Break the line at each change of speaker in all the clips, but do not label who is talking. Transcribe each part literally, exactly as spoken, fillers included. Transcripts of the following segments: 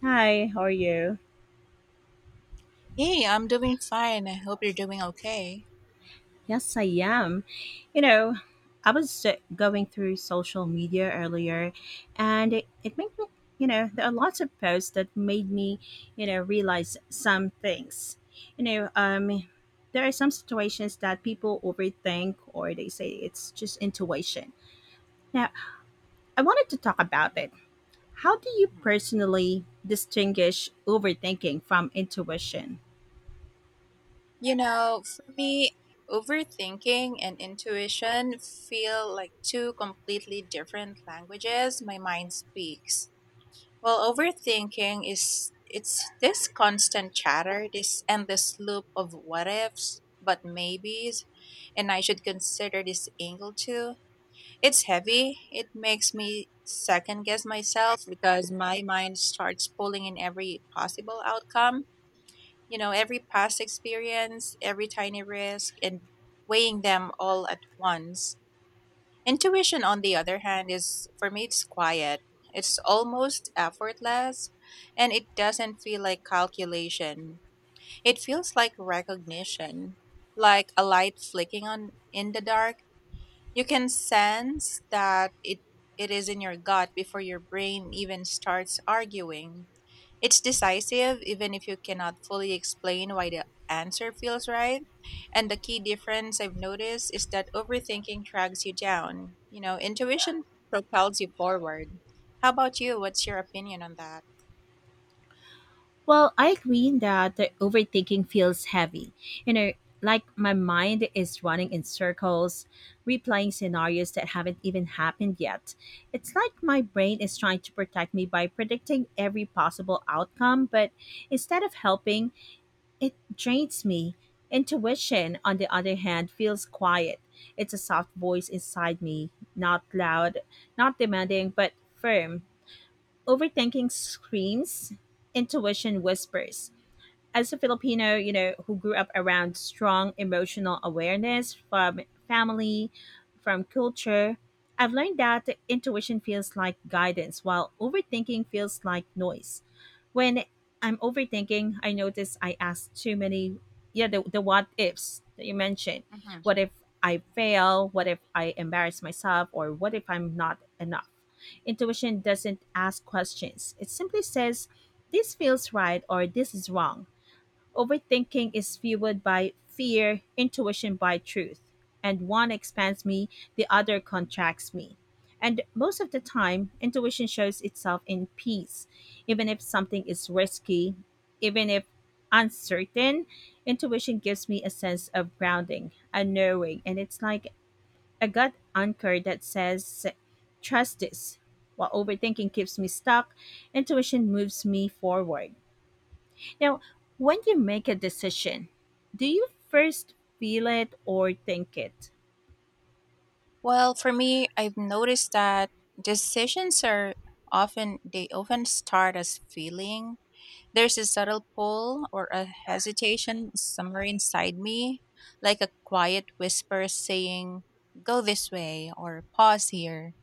Hi, how are you?
Hey, I'm doing fine. I hope you're doing okay.
Yes, I am. You know, I was uh, going through social media earlier and it, it made me, you know, there are lots of posts that made me, you know, realize some things. You know, um, there are some situations that people overthink or they say it's just intuition. Now, I wanted to talk about it. How do you
Mhm.
personally distinguish overthinking from intuition?
You know, for me, overthinking and intuition feel like two completely different languages my mind speaks. Well, overthinking is it's this constant chatter, this endless loop of what ifs, but maybes, and I should consider this angle too. It's heavy. It makes me second guess myself because my mind starts pulling in every possible outcome, you know, every past experience, every tiny risk, and weighing them all at once. Intuition, on the other hand, is for me, it's quiet. It's almost effortless and it doesn't feel like calculation. It feels like recognition, like a light flicking on in the dark. You can sense that it, it is in your gut before your brain even starts arguing. It's decisive even if you cannot fully explain why the answer feels right. And the key difference I've noticed is that overthinking drags you down. You know, intuition propels you forward. How about you? What's your opinion on that?
Well, I agree that the overthinking feels heavy. You know, like my mind is running in circles, replaying scenarios that haven't even happened yet. It's like my brain is trying to protect me by predicting every possible outcome, but instead of helping, it drains me. Intuition, on the other hand, feels quiet. It's a soft voice inside me, not loud, not demanding, but firm. Overthinking screams, intuition whispers as a Filipino, you know, who grew up around strong emotional awareness from family, from culture, I've learned that intuition feels like guidance while overthinking feels like noise. When I'm overthinking, I notice I ask too many, yeah, the, the what ifs that you mentioned.
Hmm.
What if I fail? What if I embarrass myself? Or what if I'm not enough? Intuition doesn't ask questions, it simply says, this feels right or this is wrong. Overthinking is fueled by fear, intuition by truth. And one expands me, the other contracts me. And most of the time, intuition shows itself in peace. Even if something is risky, even if uncertain, intuition gives me a sense of grounding, a knowing. And it's like a gut anchor that says, trust this. While overthinking keeps me stuck, intuition moves me forward. Now, when you make a decision, do you first feel it or think it?
Well, for me, I've noticed that decisions are often they often start as feeling. There's a subtle pull or a hesitation somewhere inside me, like a quiet whisper saying, go this way or pause here.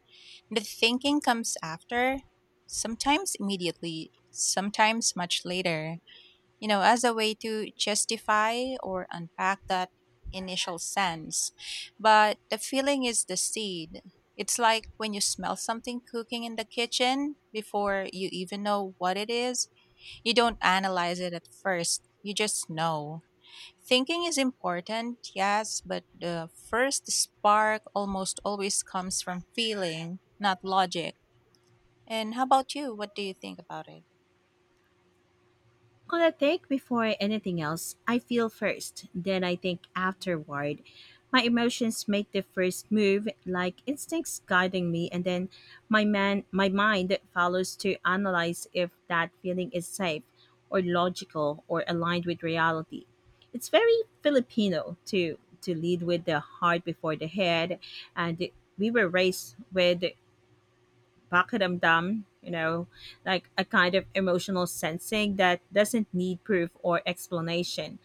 The thinking comes after, sometimes immediately, sometimes much later, you know, as a way to justify or unpack that initial sense. But the feeling is the seed. It's like when you smell something cooking in the kitchen before you even know what it is. You don't analyze it at first, you just know. Thinking is important, yes, but the first spark almost always comes from feeling, not logic. And how about you? What do you think about it?
Could I think before anything else? I feel first, then I think afterward. My emotions make the first move, like instincts guiding me, and then my man, my mind follows to analyze if that feeling is safe, or logical, or aligned with reality. It's very Filipino to to lead with the heart before the head, and we were raised with Bakit, you know, like a kind of emotional sensing that doesn't need proof or explanation.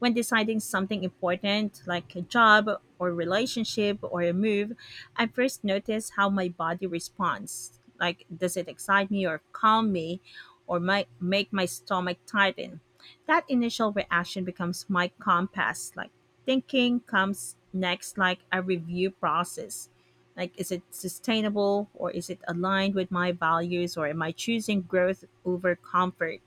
When deciding something important, like a job or relationship or a move, I first notice how my body responds. Like, does it excite me or calm me or might make my stomach tighten? That initial reaction becomes my compass. Like, thinking comes next, like a review process, like is it sustainable or is it aligned with my values or am I choosing growth over comfort.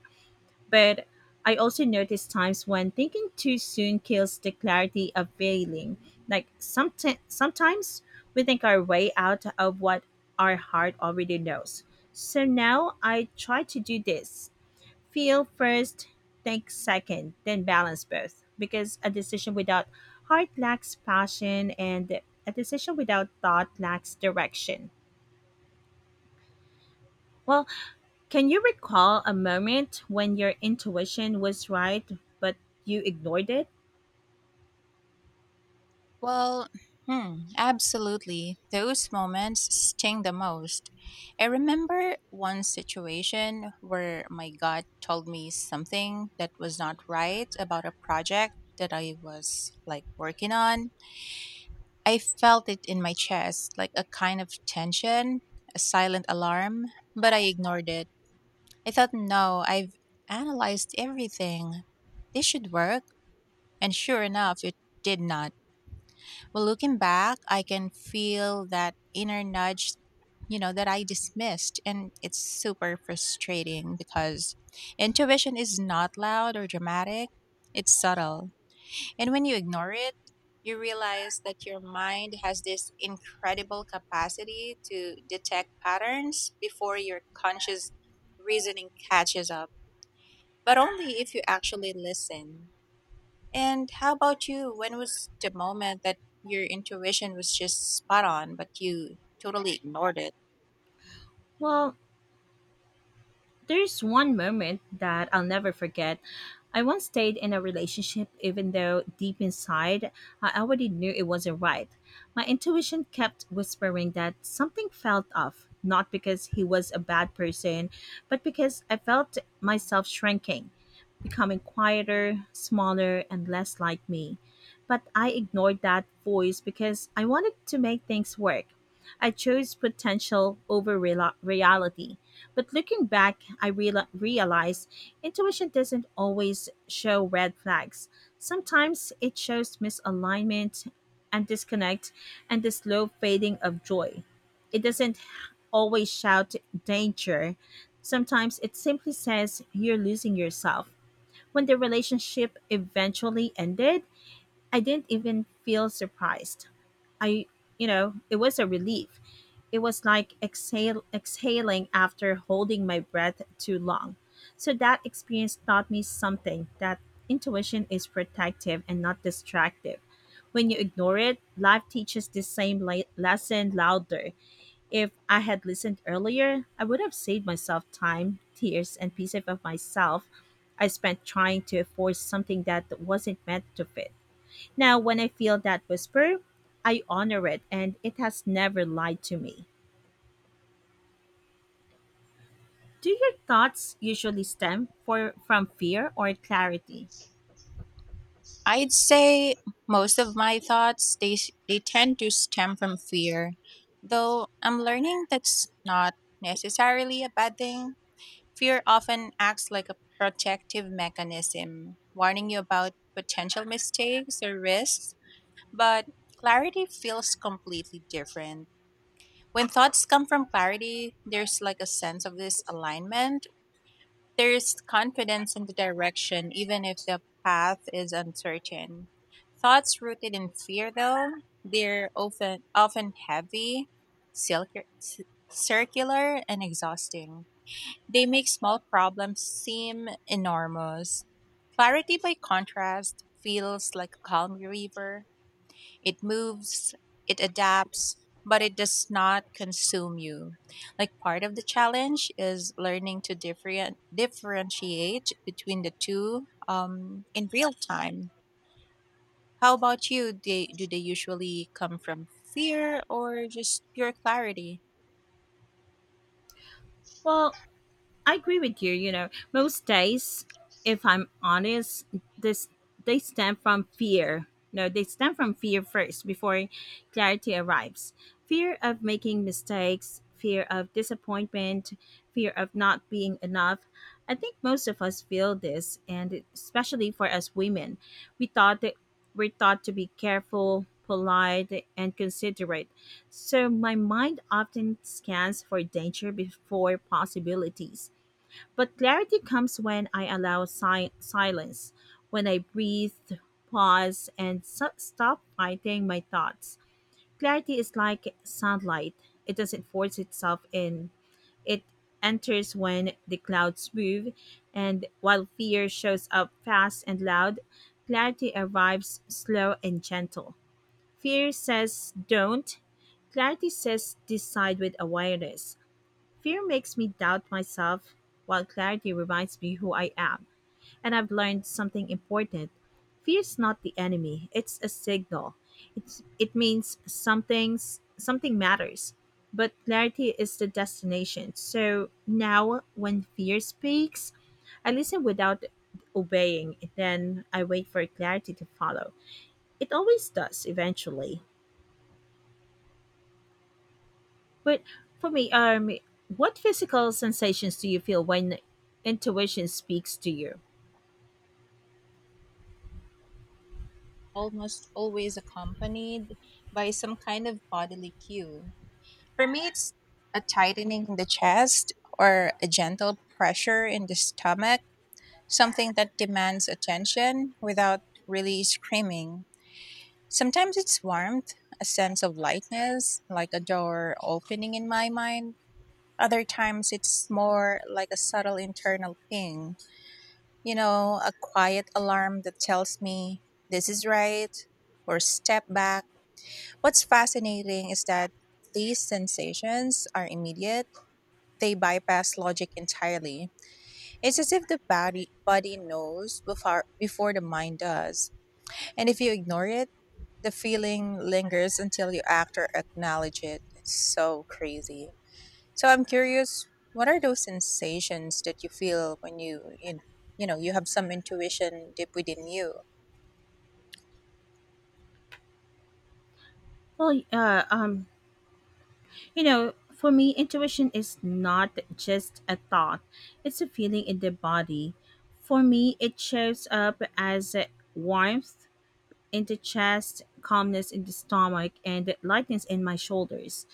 But I also notice times when thinking too soon kills the clarity of feeling. Like someti- sometimes we think our way out of what our heart already knows. So now I try to do this: feel first, think second, then balance both. Because a decision without heart lacks passion, and a decision without thought lacks direction. Well, can you recall a moment when your intuition was right but you ignored it?
Well, hmm, absolutely. Those moments sting the most. I remember one situation where my gut told me something that was not right about a project that I was like working on. I felt it in my chest, like a kind of tension, a silent alarm, but I ignored it. I thought, no, I've analyzed everything. This should work. And sure enough, it did not. Well, looking back, I can feel that inner nudge, you know, that I dismissed. And it's super frustrating because intuition is not loud or dramatic, it's subtle. And when you ignore it, you realize that your mind has this incredible capacity to detect patterns before your conscious reasoning catches up, but only if you actually listen. And how about you? When was the moment that your intuition was just spot on, but you totally ignored it?
Well, there's one moment that I'll never forget. I once stayed in a relationship even though deep inside I already knew it wasn't right. My intuition kept whispering that something felt off, not because he was a bad person, but because I felt myself shrinking, becoming quieter, smaller, and less like me. But I ignored that voice because I wanted to make things work. I chose potential over real- reality. But looking back, I real- realized intuition doesn't always show red flags. Sometimes it shows misalignment and disconnect and the slow fading of joy. It doesn't always shout danger. Sometimes it simply says you're losing yourself. When the relationship eventually ended, I didn't even feel surprised. I, you know, it was a relief. It was like exhale, exhaling after holding my breath too long. So that experience taught me something: that intuition is protective and not distractive. When you ignore it, life teaches the same le- lesson louder. If I had listened earlier, I would have saved myself time, tears, and pieces of myself I spent trying to force something that wasn't meant to fit. Now, when I feel that whisper, I honor it and it has never lied to me. Do your thoughts usually stem for, from fear or clarity?
I'd say most of my thoughts they s- they tend to stem from fear, though I'm learning that's not necessarily a bad thing. Fear often acts like a protective mechanism, warning you about potential mistakes or risks, but clarity feels completely different. When thoughts come from clarity, there's like a sense of this alignment. There's confidence in the direction, even if the path is uncertain. Thoughts rooted in fear, though, they're often often heavy, circu- circular, and exhausting. They make small problems seem enormous. Clarity, by contrast, feels like a calm river. It moves, it adapts, but it does not consume you. Like part of the challenge is learning to different, differentiate between the two um, in real time. How about you? They, do they usually come from fear or just pure clarity?
Well, I agree with you. You know, most days, if I'm honest, this they stem from fear. No, they stem from fear first before clarity arrives. Fear of making mistakes, fear of disappointment, fear of not being enough. I think most of us feel this, and especially for us women, we thought that we're taught to be careful, polite, and considerate. So my mind often scans for danger before possibilities. But clarity comes when I allow si- silence, when I breathe, pause, and so- stop fighting my thoughts. Clarity is like sunlight, it doesn't force itself in, it enters when the clouds move, and while fear shows up fast and loud, clarity arrives slow and gentle. Fear says don't, clarity says decide with awareness. Fear makes me doubt myself, while clarity reminds me who I am. And I've learned something important. Fear's not the enemy, it's a signal. It's, it means something's, something matters. But clarity is the destination. So now, when fear speaks, I listen without obeying. Then I wait for clarity to follow. It always does eventually. But for me, um, what physical sensations do you feel when intuition speaks to you?
Almost always accompanied by some kind of bodily cue. For me, it's a tightening in the chest or a gentle pressure in the stomach, something that demands attention without really screaming. Sometimes it's warmth, a sense of lightness, like a door opening in my mind. Other times it's more like a subtle internal ping, you know, a quiet alarm that tells me this is right or step back. What's fascinating is that these sensations are immediate. They bypass logic entirely. It's as if the body body knows before before the mind does. And if you ignore it, the feeling lingers until you act or acknowledge it. It's so crazy. So I'm curious, what are those sensations that you feel when you you, you know you have some intuition deep within you?
Well, uh, um, you know, for me, intuition is not just a thought; it's a feeling in the body. For me, it shows up as a warmth in the chest, calmness in the stomach, and lightness in my shoulders.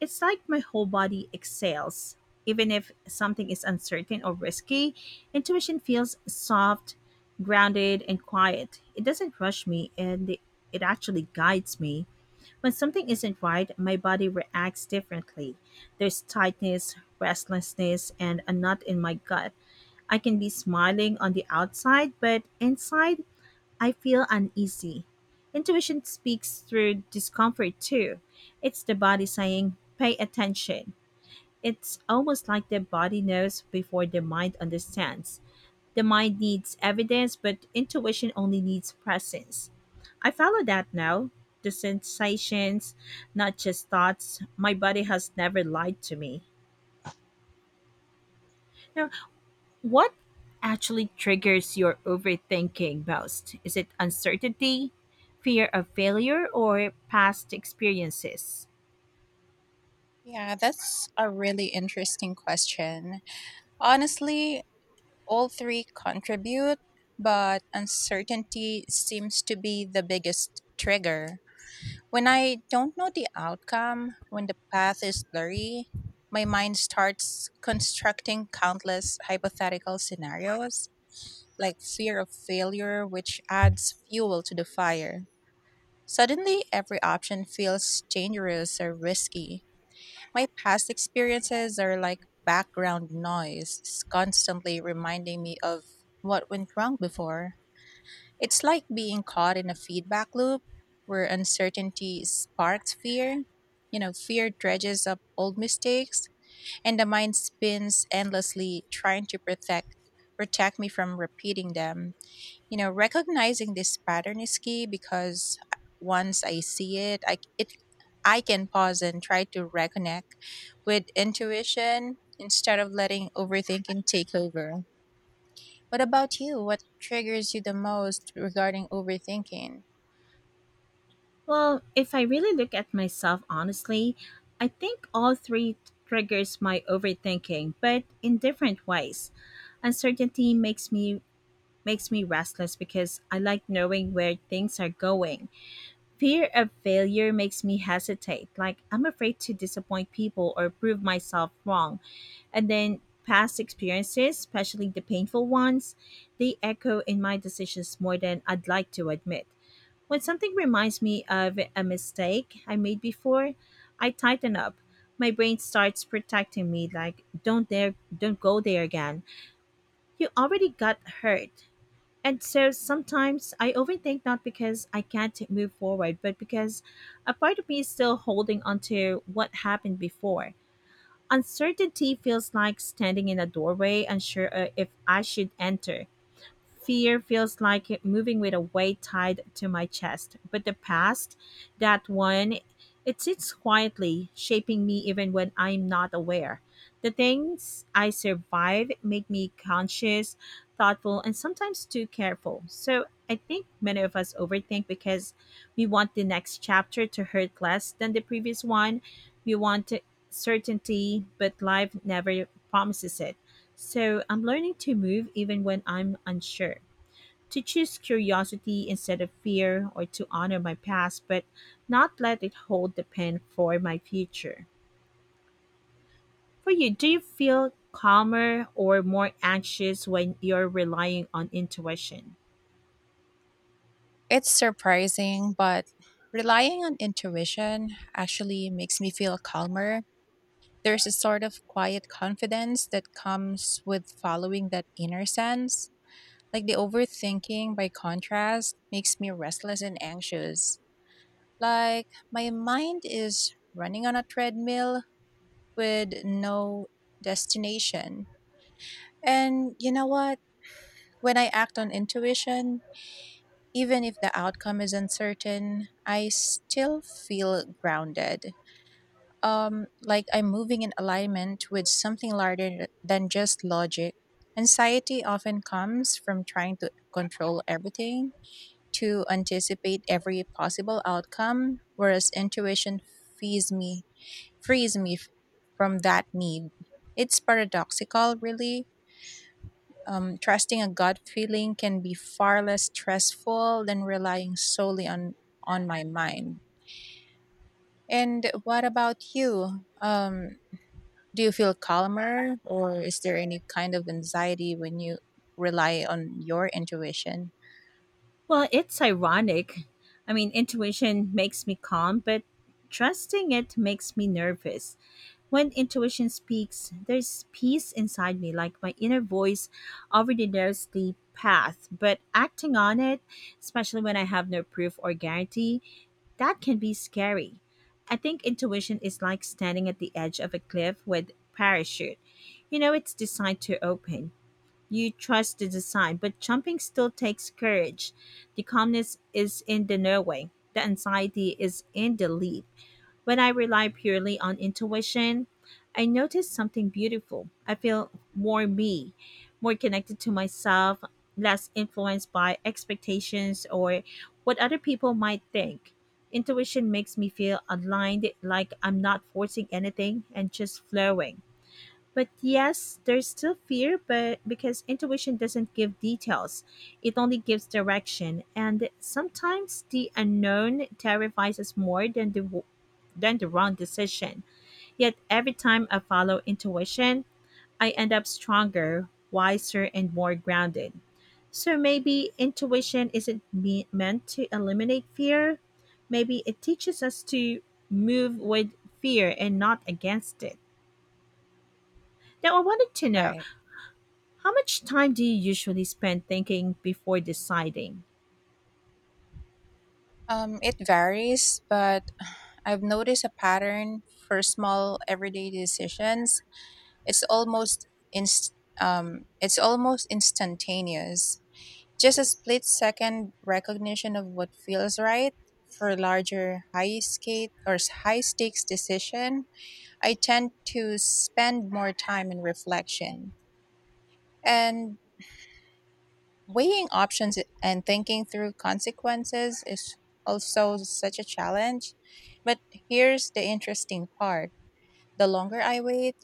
It's like my whole body exhales. Even if something is uncertain or risky, intuition feels soft, grounded, and quiet. It doesn't rush me and it it actually guides me. When something isn't right, my body reacts differently. There's tightness, restlessness, and a knot in my gut. I can be smiling on the outside, but inside, I feel uneasy. Intuition speaks through discomfort too. It's the body saying, pay attention. It's almost like the body knows before the mind understands. The mind needs evidence, but intuition only needs presence. I follow that now. The sensations, not just thoughts. My body has never lied to me. No, what actually triggers your overthinking most? Is it uncertainty, fear of failure, or past experiences?
Yeah, that's a really interesting question. Honestly, all three contribute, but uncertainty seems to be the biggest trigger. When I don't know the outcome, when the path is blurry, my mind starts constructing countless hypothetical scenarios, like fear of failure, which adds fuel to the fire. Suddenly, every option feels dangerous or risky. My past experiences are like background noise, s- constantly reminding me of what went wrong before. It's like being caught in a feedback loop where uncertainty sparks fear. You know, fear dredges up old mistakes, and the mind spins endlessly trying to protect protect me from repeating them. You know, recognizing this pattern is key because once I see it, I it I can pause and try to reconnect with intuition instead of letting overthinking take over. What about you? What triggers you the most regarding overthinking?
Well, if I really look at myself honestly, I think all three triggers my overthinking, but in different ways. Uncertainty makes me makes me restless because I like knowing where things are going. Fear of failure makes me hesitate. Like, I'm afraid to disappoint people or prove myself wrong. And then past experiences, especially the painful ones, they echo in my decisions more than I'd like to admit. When something reminds me of a mistake I made before, I tighten up. My brain starts protecting me, like don't dare don't go there again. You already got hurt. And so sometimes I overthink not because I can't move forward, but because a part of me is still holding on to what happened before. Uncertainty feels like standing in a doorway, unsure, uh, if I should enter. Fear feels like it moving with a weight tied to my chest. But the past, that one, it sits quietly, shaping me even when I'm not aware. The things I survive make me conscious, thoughtful, and sometimes too careful. So I think many of us overthink because we want the next chapter to hurt less than the previous one. We want certainty, but life never promises it. So I'm learning to move even when I'm unsure, to choose curiosity instead of fear or to honor my past but not let it hold the pen for my future. For you, do you feel calmer or more anxious when you're relying on intuition?
It's surprising, but relying on intuition actually makes me feel calmer. There's a sort of quiet confidence that comes with following that inner sense. Like the overthinking, by contrast, makes me restless and anxious. Like my mind is running on a treadmill with no destination. And you know what? When I act on intuition, even if the outcome is uncertain, I still feel grounded. Um, like I'm moving in alignment with something larger than just logic. Anxiety often comes from trying to control everything to anticipate every possible outcome, whereas intuition frees me frees me f- from that need. It's paradoxical, really. Um, trusting a gut feeling can be far less stressful than relying solely on on my mind. And what about you? Um, do you feel calmer, or is there any kind of anxiety when you rely on your intuition?
Well, it's ironic. I mean, intuition makes me calm, but trusting it makes me nervous. When intuition speaks, there's peace inside me, like my inner voice already knows the path. But acting on it, especially when I have no proof or guarantee, that can be scary. I think intuition is like standing at the edge of a cliff with parachute. You know, it's designed to open, you trust the design, but jumping still takes courage. The calmness is in the knowing, the anxiety is in the leap. When I rely purely on intuition, I notice something beautiful. I feel more me, more connected to myself, less influenced by expectations or what other people might think. Intuition makes me feel aligned, like I'm not forcing anything and just flowing. But yes, there's still fear, but because intuition doesn't give details, it only gives direction. And sometimes the unknown terrifies us more than the w- than the wrong decision. Yet every time I follow intuition, I end up stronger, wiser, and more grounded. So maybe intuition isn't me- meant to eliminate fear. Maybe it teaches us to move with fear and not against it. Now, I wanted to know.
Right.
How much time do you usually spend thinking before deciding?
Um, it varies, but I've noticed a pattern for small everyday decisions. It's almost inst- um, it's almost instantaneous. Just a split second recognition of what feels right for larger high skate or s- high stakes decision. I tend to spend more time in reflection and weighing options and thinking through consequences is also such a challenge. But here's the interesting part. The longer I wait,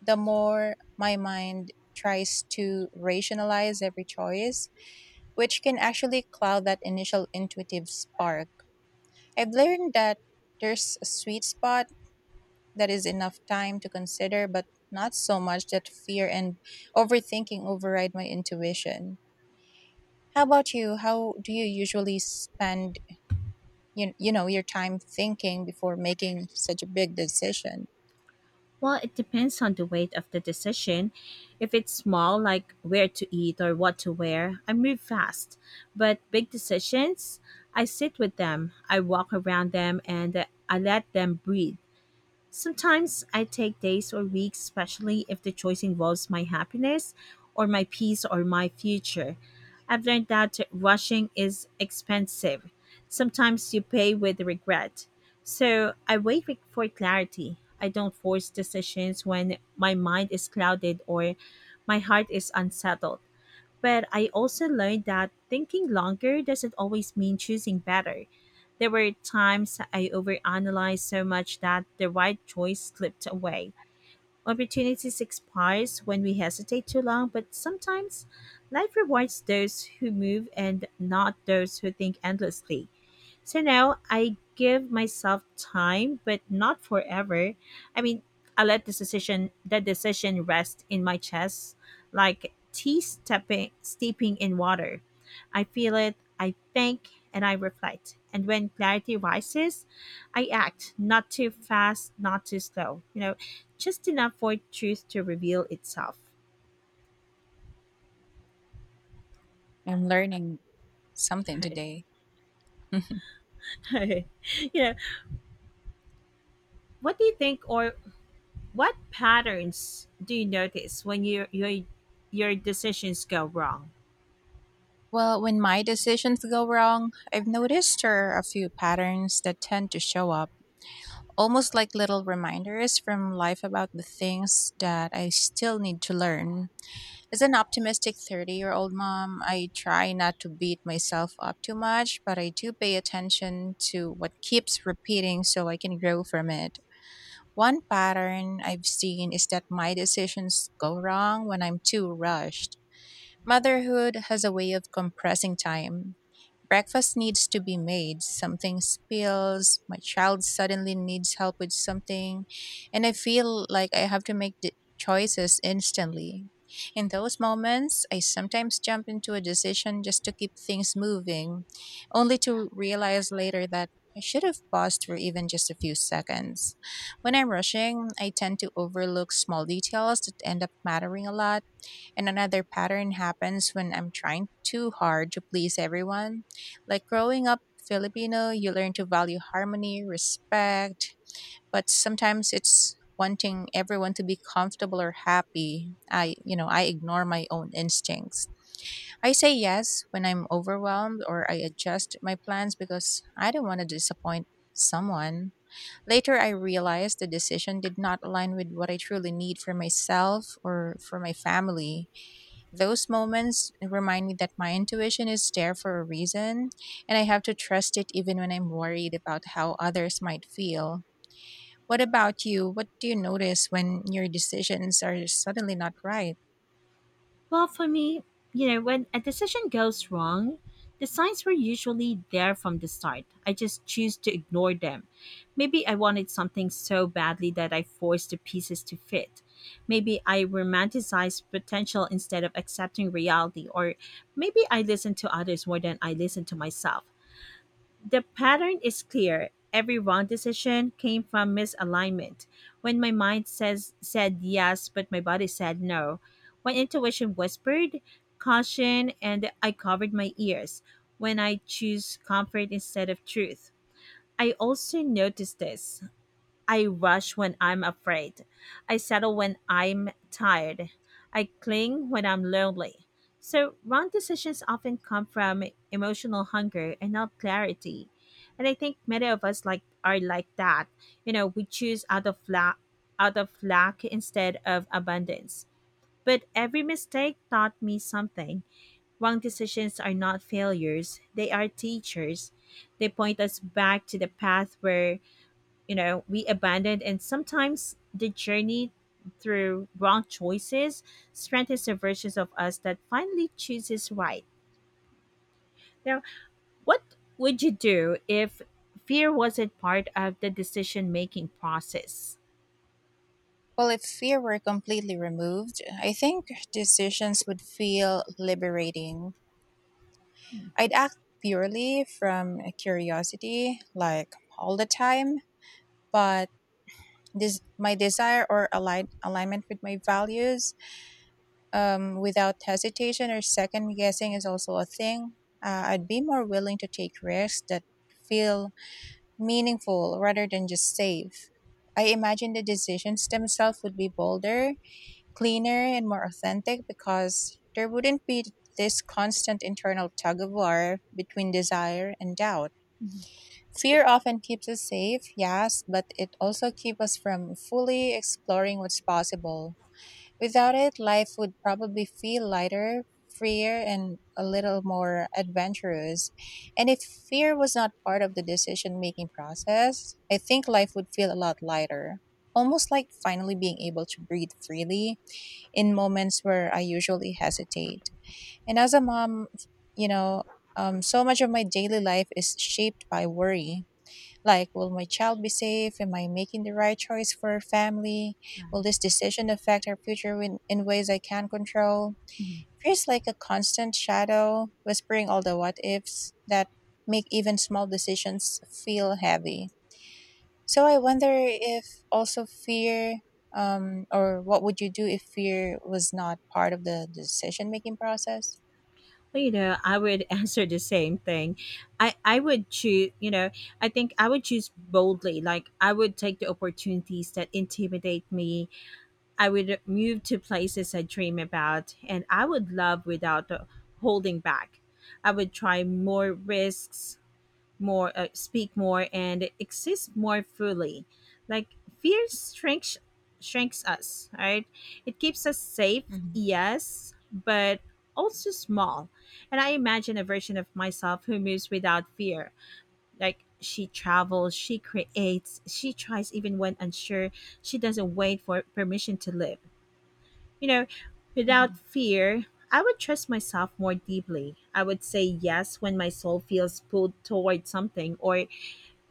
the more my mind tries to rationalize every choice, which can actually cloud that initial intuitive spark. I've learned that there's a sweet spot that is enough time to consider, but not so much that fear and overthinking override my intuition. How about you? How do you usually spend you, you know your time thinking before making such a big decision?
Well, it depends on the weight of the decision. If it's small, like where to eat or what to wear, I move fast. But big decisions, I sit with them, I walk around them, and I let them breathe. Sometimes I take days or weeks, especially if the choice involves my happiness or my peace or my future. I've learned that rushing is expensive. Sometimes you pay with regret. So I wait with- for clarity. I don't force decisions when my mind is clouded or my heart is unsettled. But I also learned that thinking longer doesn't always mean choosing better. There were times I overanalyzed so much that the right choice slipped away. Opportunities expire when we hesitate too long, but sometimes life rewards those who move and not those who think endlessly. So now I give myself time, but not forever. I mean, I let the decision the decision rest in my chest, like tea stepping steeping in water. I feel it, I think, and I reflect. And when clarity rises, I act, not too fast, not too slow. You know, just enough for truth to reveal itself.
I'm learning something today.
Right. You know, what do you think, or what patterns do you notice when your your your decisions go wrong?
Well, when my decisions go wrong, I've noticed there are a few patterns that tend to show up, almost like little reminders from life about the things that I still need to learn. As an optimistic thirty year old mom, I try not to beat myself up too much, but I do pay attention to what keeps repeating so I can grow from it. One pattern I've seen is that my decisions go wrong when I'm too rushed. Motherhood has a way of compressing time. Breakfast needs to be made. Something spills, my child suddenly needs help with something, and I feel like I have to make the choices instantly. In those moments, I sometimes jump into a decision just to keep things moving, only to realize later that I should have paused for even just a few seconds. When I'm rushing, I tend to overlook small details that end up mattering a lot. And another pattern happens when I'm trying too hard to please everyone. Like growing up Filipino, you learn to value harmony, respect, but sometimes it's wanting everyone to be comfortable or happy. I, you know, I ignore my own instincts. I say yes when I'm overwhelmed or I adjust my plans because I don't want to disappoint someone. Later, I realized the decision did not align with what I truly need for myself or for my family. Those moments remind me that my intuition is there for a reason, and I have to trust it even when I'm worried about how others might feel. What about you? What do you notice when your decisions are suddenly not right?
Well, for me, you know, when a decision goes wrong, the signs were usually there from the start. I just choose to ignore them. Maybe I wanted something so badly that I forced the pieces to fit. Maybe I romanticized potential instead of accepting reality, or maybe I listened to others more than I listened to myself. The pattern is clear. Every wrong decision came from misalignment. When my mind says said yes, but my body said no. When intuition whispered caution and I covered my ears. When I choose comfort instead of truth. I also noticed this. I rush when I'm afraid. I settle when I'm tired. I cling when I'm lonely. So, wrong decisions often come from emotional hunger and not clarity. And I think many of us like are like that. You know, we choose out of lack, out of lack instead of abundance. But every mistake taught me something. Wrong decisions are not failures; they are teachers. They point us back to the path where, you know, we abandoned, and sometimes the journey through wrong choices strengthens the versions of us that finally chooses right. Now, what would you do if fear wasn't part of the decision making process?
Well, if fear were completely removed, I think decisions would feel liberating. I'd act purely from curiosity, like all the time, but this my desire or align alignment with my values um, without hesitation or second guessing is also a thing. Uh, I'd be more willing to take risks that feel meaningful rather than just safe. I imagine the decisions themselves would be bolder, cleaner, and more authentic because there wouldn't be this constant internal tug of war between desire and doubt.
Mhm.
Fear often keeps us safe, yes, but it also keeps us from fully exploring what's possible. Without it, life would probably feel lighter, freer, and a little more adventurous. And if fear was not part of the decision making process, I think life would feel a lot lighter. Almost like finally being able to breathe freely in moments where I usually hesitate. And as a mom, you know, um, so much of my daily life is shaped by worry. Like, will my child be safe? Am I making the right choice for our family? Will
Right.
this decision affect our future in, in ways I can't control?
Mhm.
Feels like a constant shadow, whispering all the what ifs that make even small decisions feel heavy. So I wonder if also fear, um, or what would you do if fear was not part of the decision making process?
Well, you know, I would answer the same thing. I i would choose, you know, I think I would choose boldly. Like, I would take the opportunities that intimidate me. I would move to places I dream about, and I would love without uh, holding back. I would try more risks, more uh, speak more and exist more fully. Like, fear shrinks shrinks us, right? It keeps us safe,
Mhm.
yes, but also small. And I imagine a version of myself who moves without fear. Like, she travels, she creates, she tries even when unsure. She doesn't wait for permission to live, you know, without
Mhm.
fear. I would trust myself more deeply. I would say yes when my soul feels pulled toward something, or,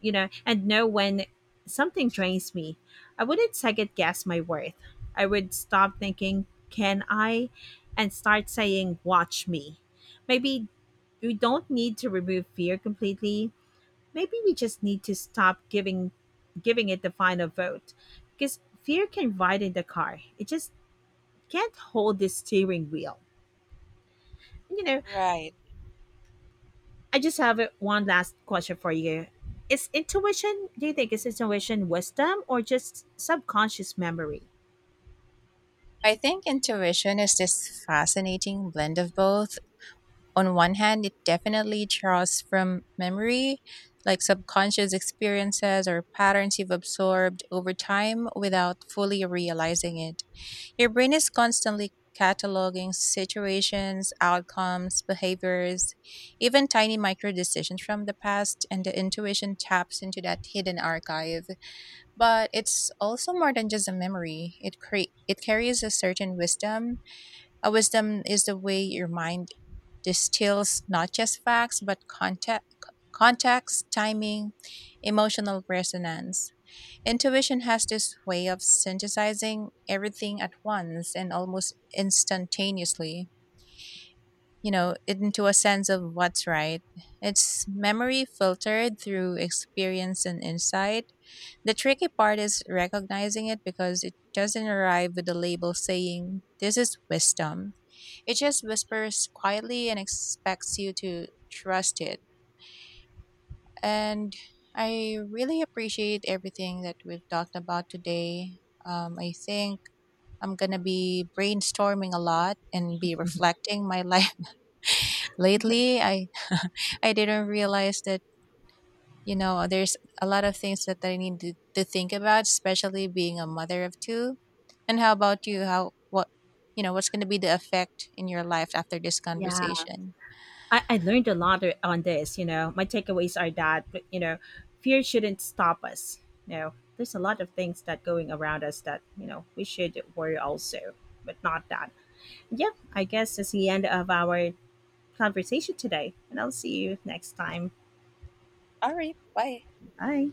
you know, and no when something drains me. I wouldn't second guess my worth. I would stop thinking, can I? And start saying, watch me. Maybe we don't need to remove fear completely. Maybe we just need to stop giving giving it the final vote, because fear can ride in the car. It just can't hold the steering wheel. You know,
Right.
I just have uh, one last question for you. Is intuition, do you think, is intuition wisdom or just subconscious memory?
I think intuition is this fascinating blend of both. On one hand, it definitely draws from memory, like subconscious experiences or patterns you've absorbed over time without fully realizing it. Your brain is constantly cataloging situations, outcomes, behaviors, even tiny micro decisions from the past, and the intuition taps into that hidden archive. But it's also more than just a memory. It cre- it carries a certain wisdom. A wisdom is the way your mind distills not just facts, but context, context, timing, emotional resonance. Intuition has this way of synthesizing everything at once and almost instantaneously, you know, into a sense of what's right. It's memory filtered through experience and insight. The tricky part is recognizing it because it doesn't arrive with a label saying, this is wisdom. It just whispers quietly and expects you to trust it. And I really appreciate everything that we've talked about today. Um, I think I'm going to be brainstorming a lot and be reflecting my life lately. I I didn't realize that, you know, there's a lot of things that I need to, to think about, especially being a mother of two. And how about you? How what you know, what's going to be the effect in your life after this
Yeah,
conversation?
I, I learned a lot o- on this. You know, my takeaways are that, you know, fear shouldn't stop us. You know, there's a lot of things that going around us that, you know, we should worry also, but not that. Yeah, I guess that's the end of our conversation today, and I'll see you next time.
All right. Bye.
Bye.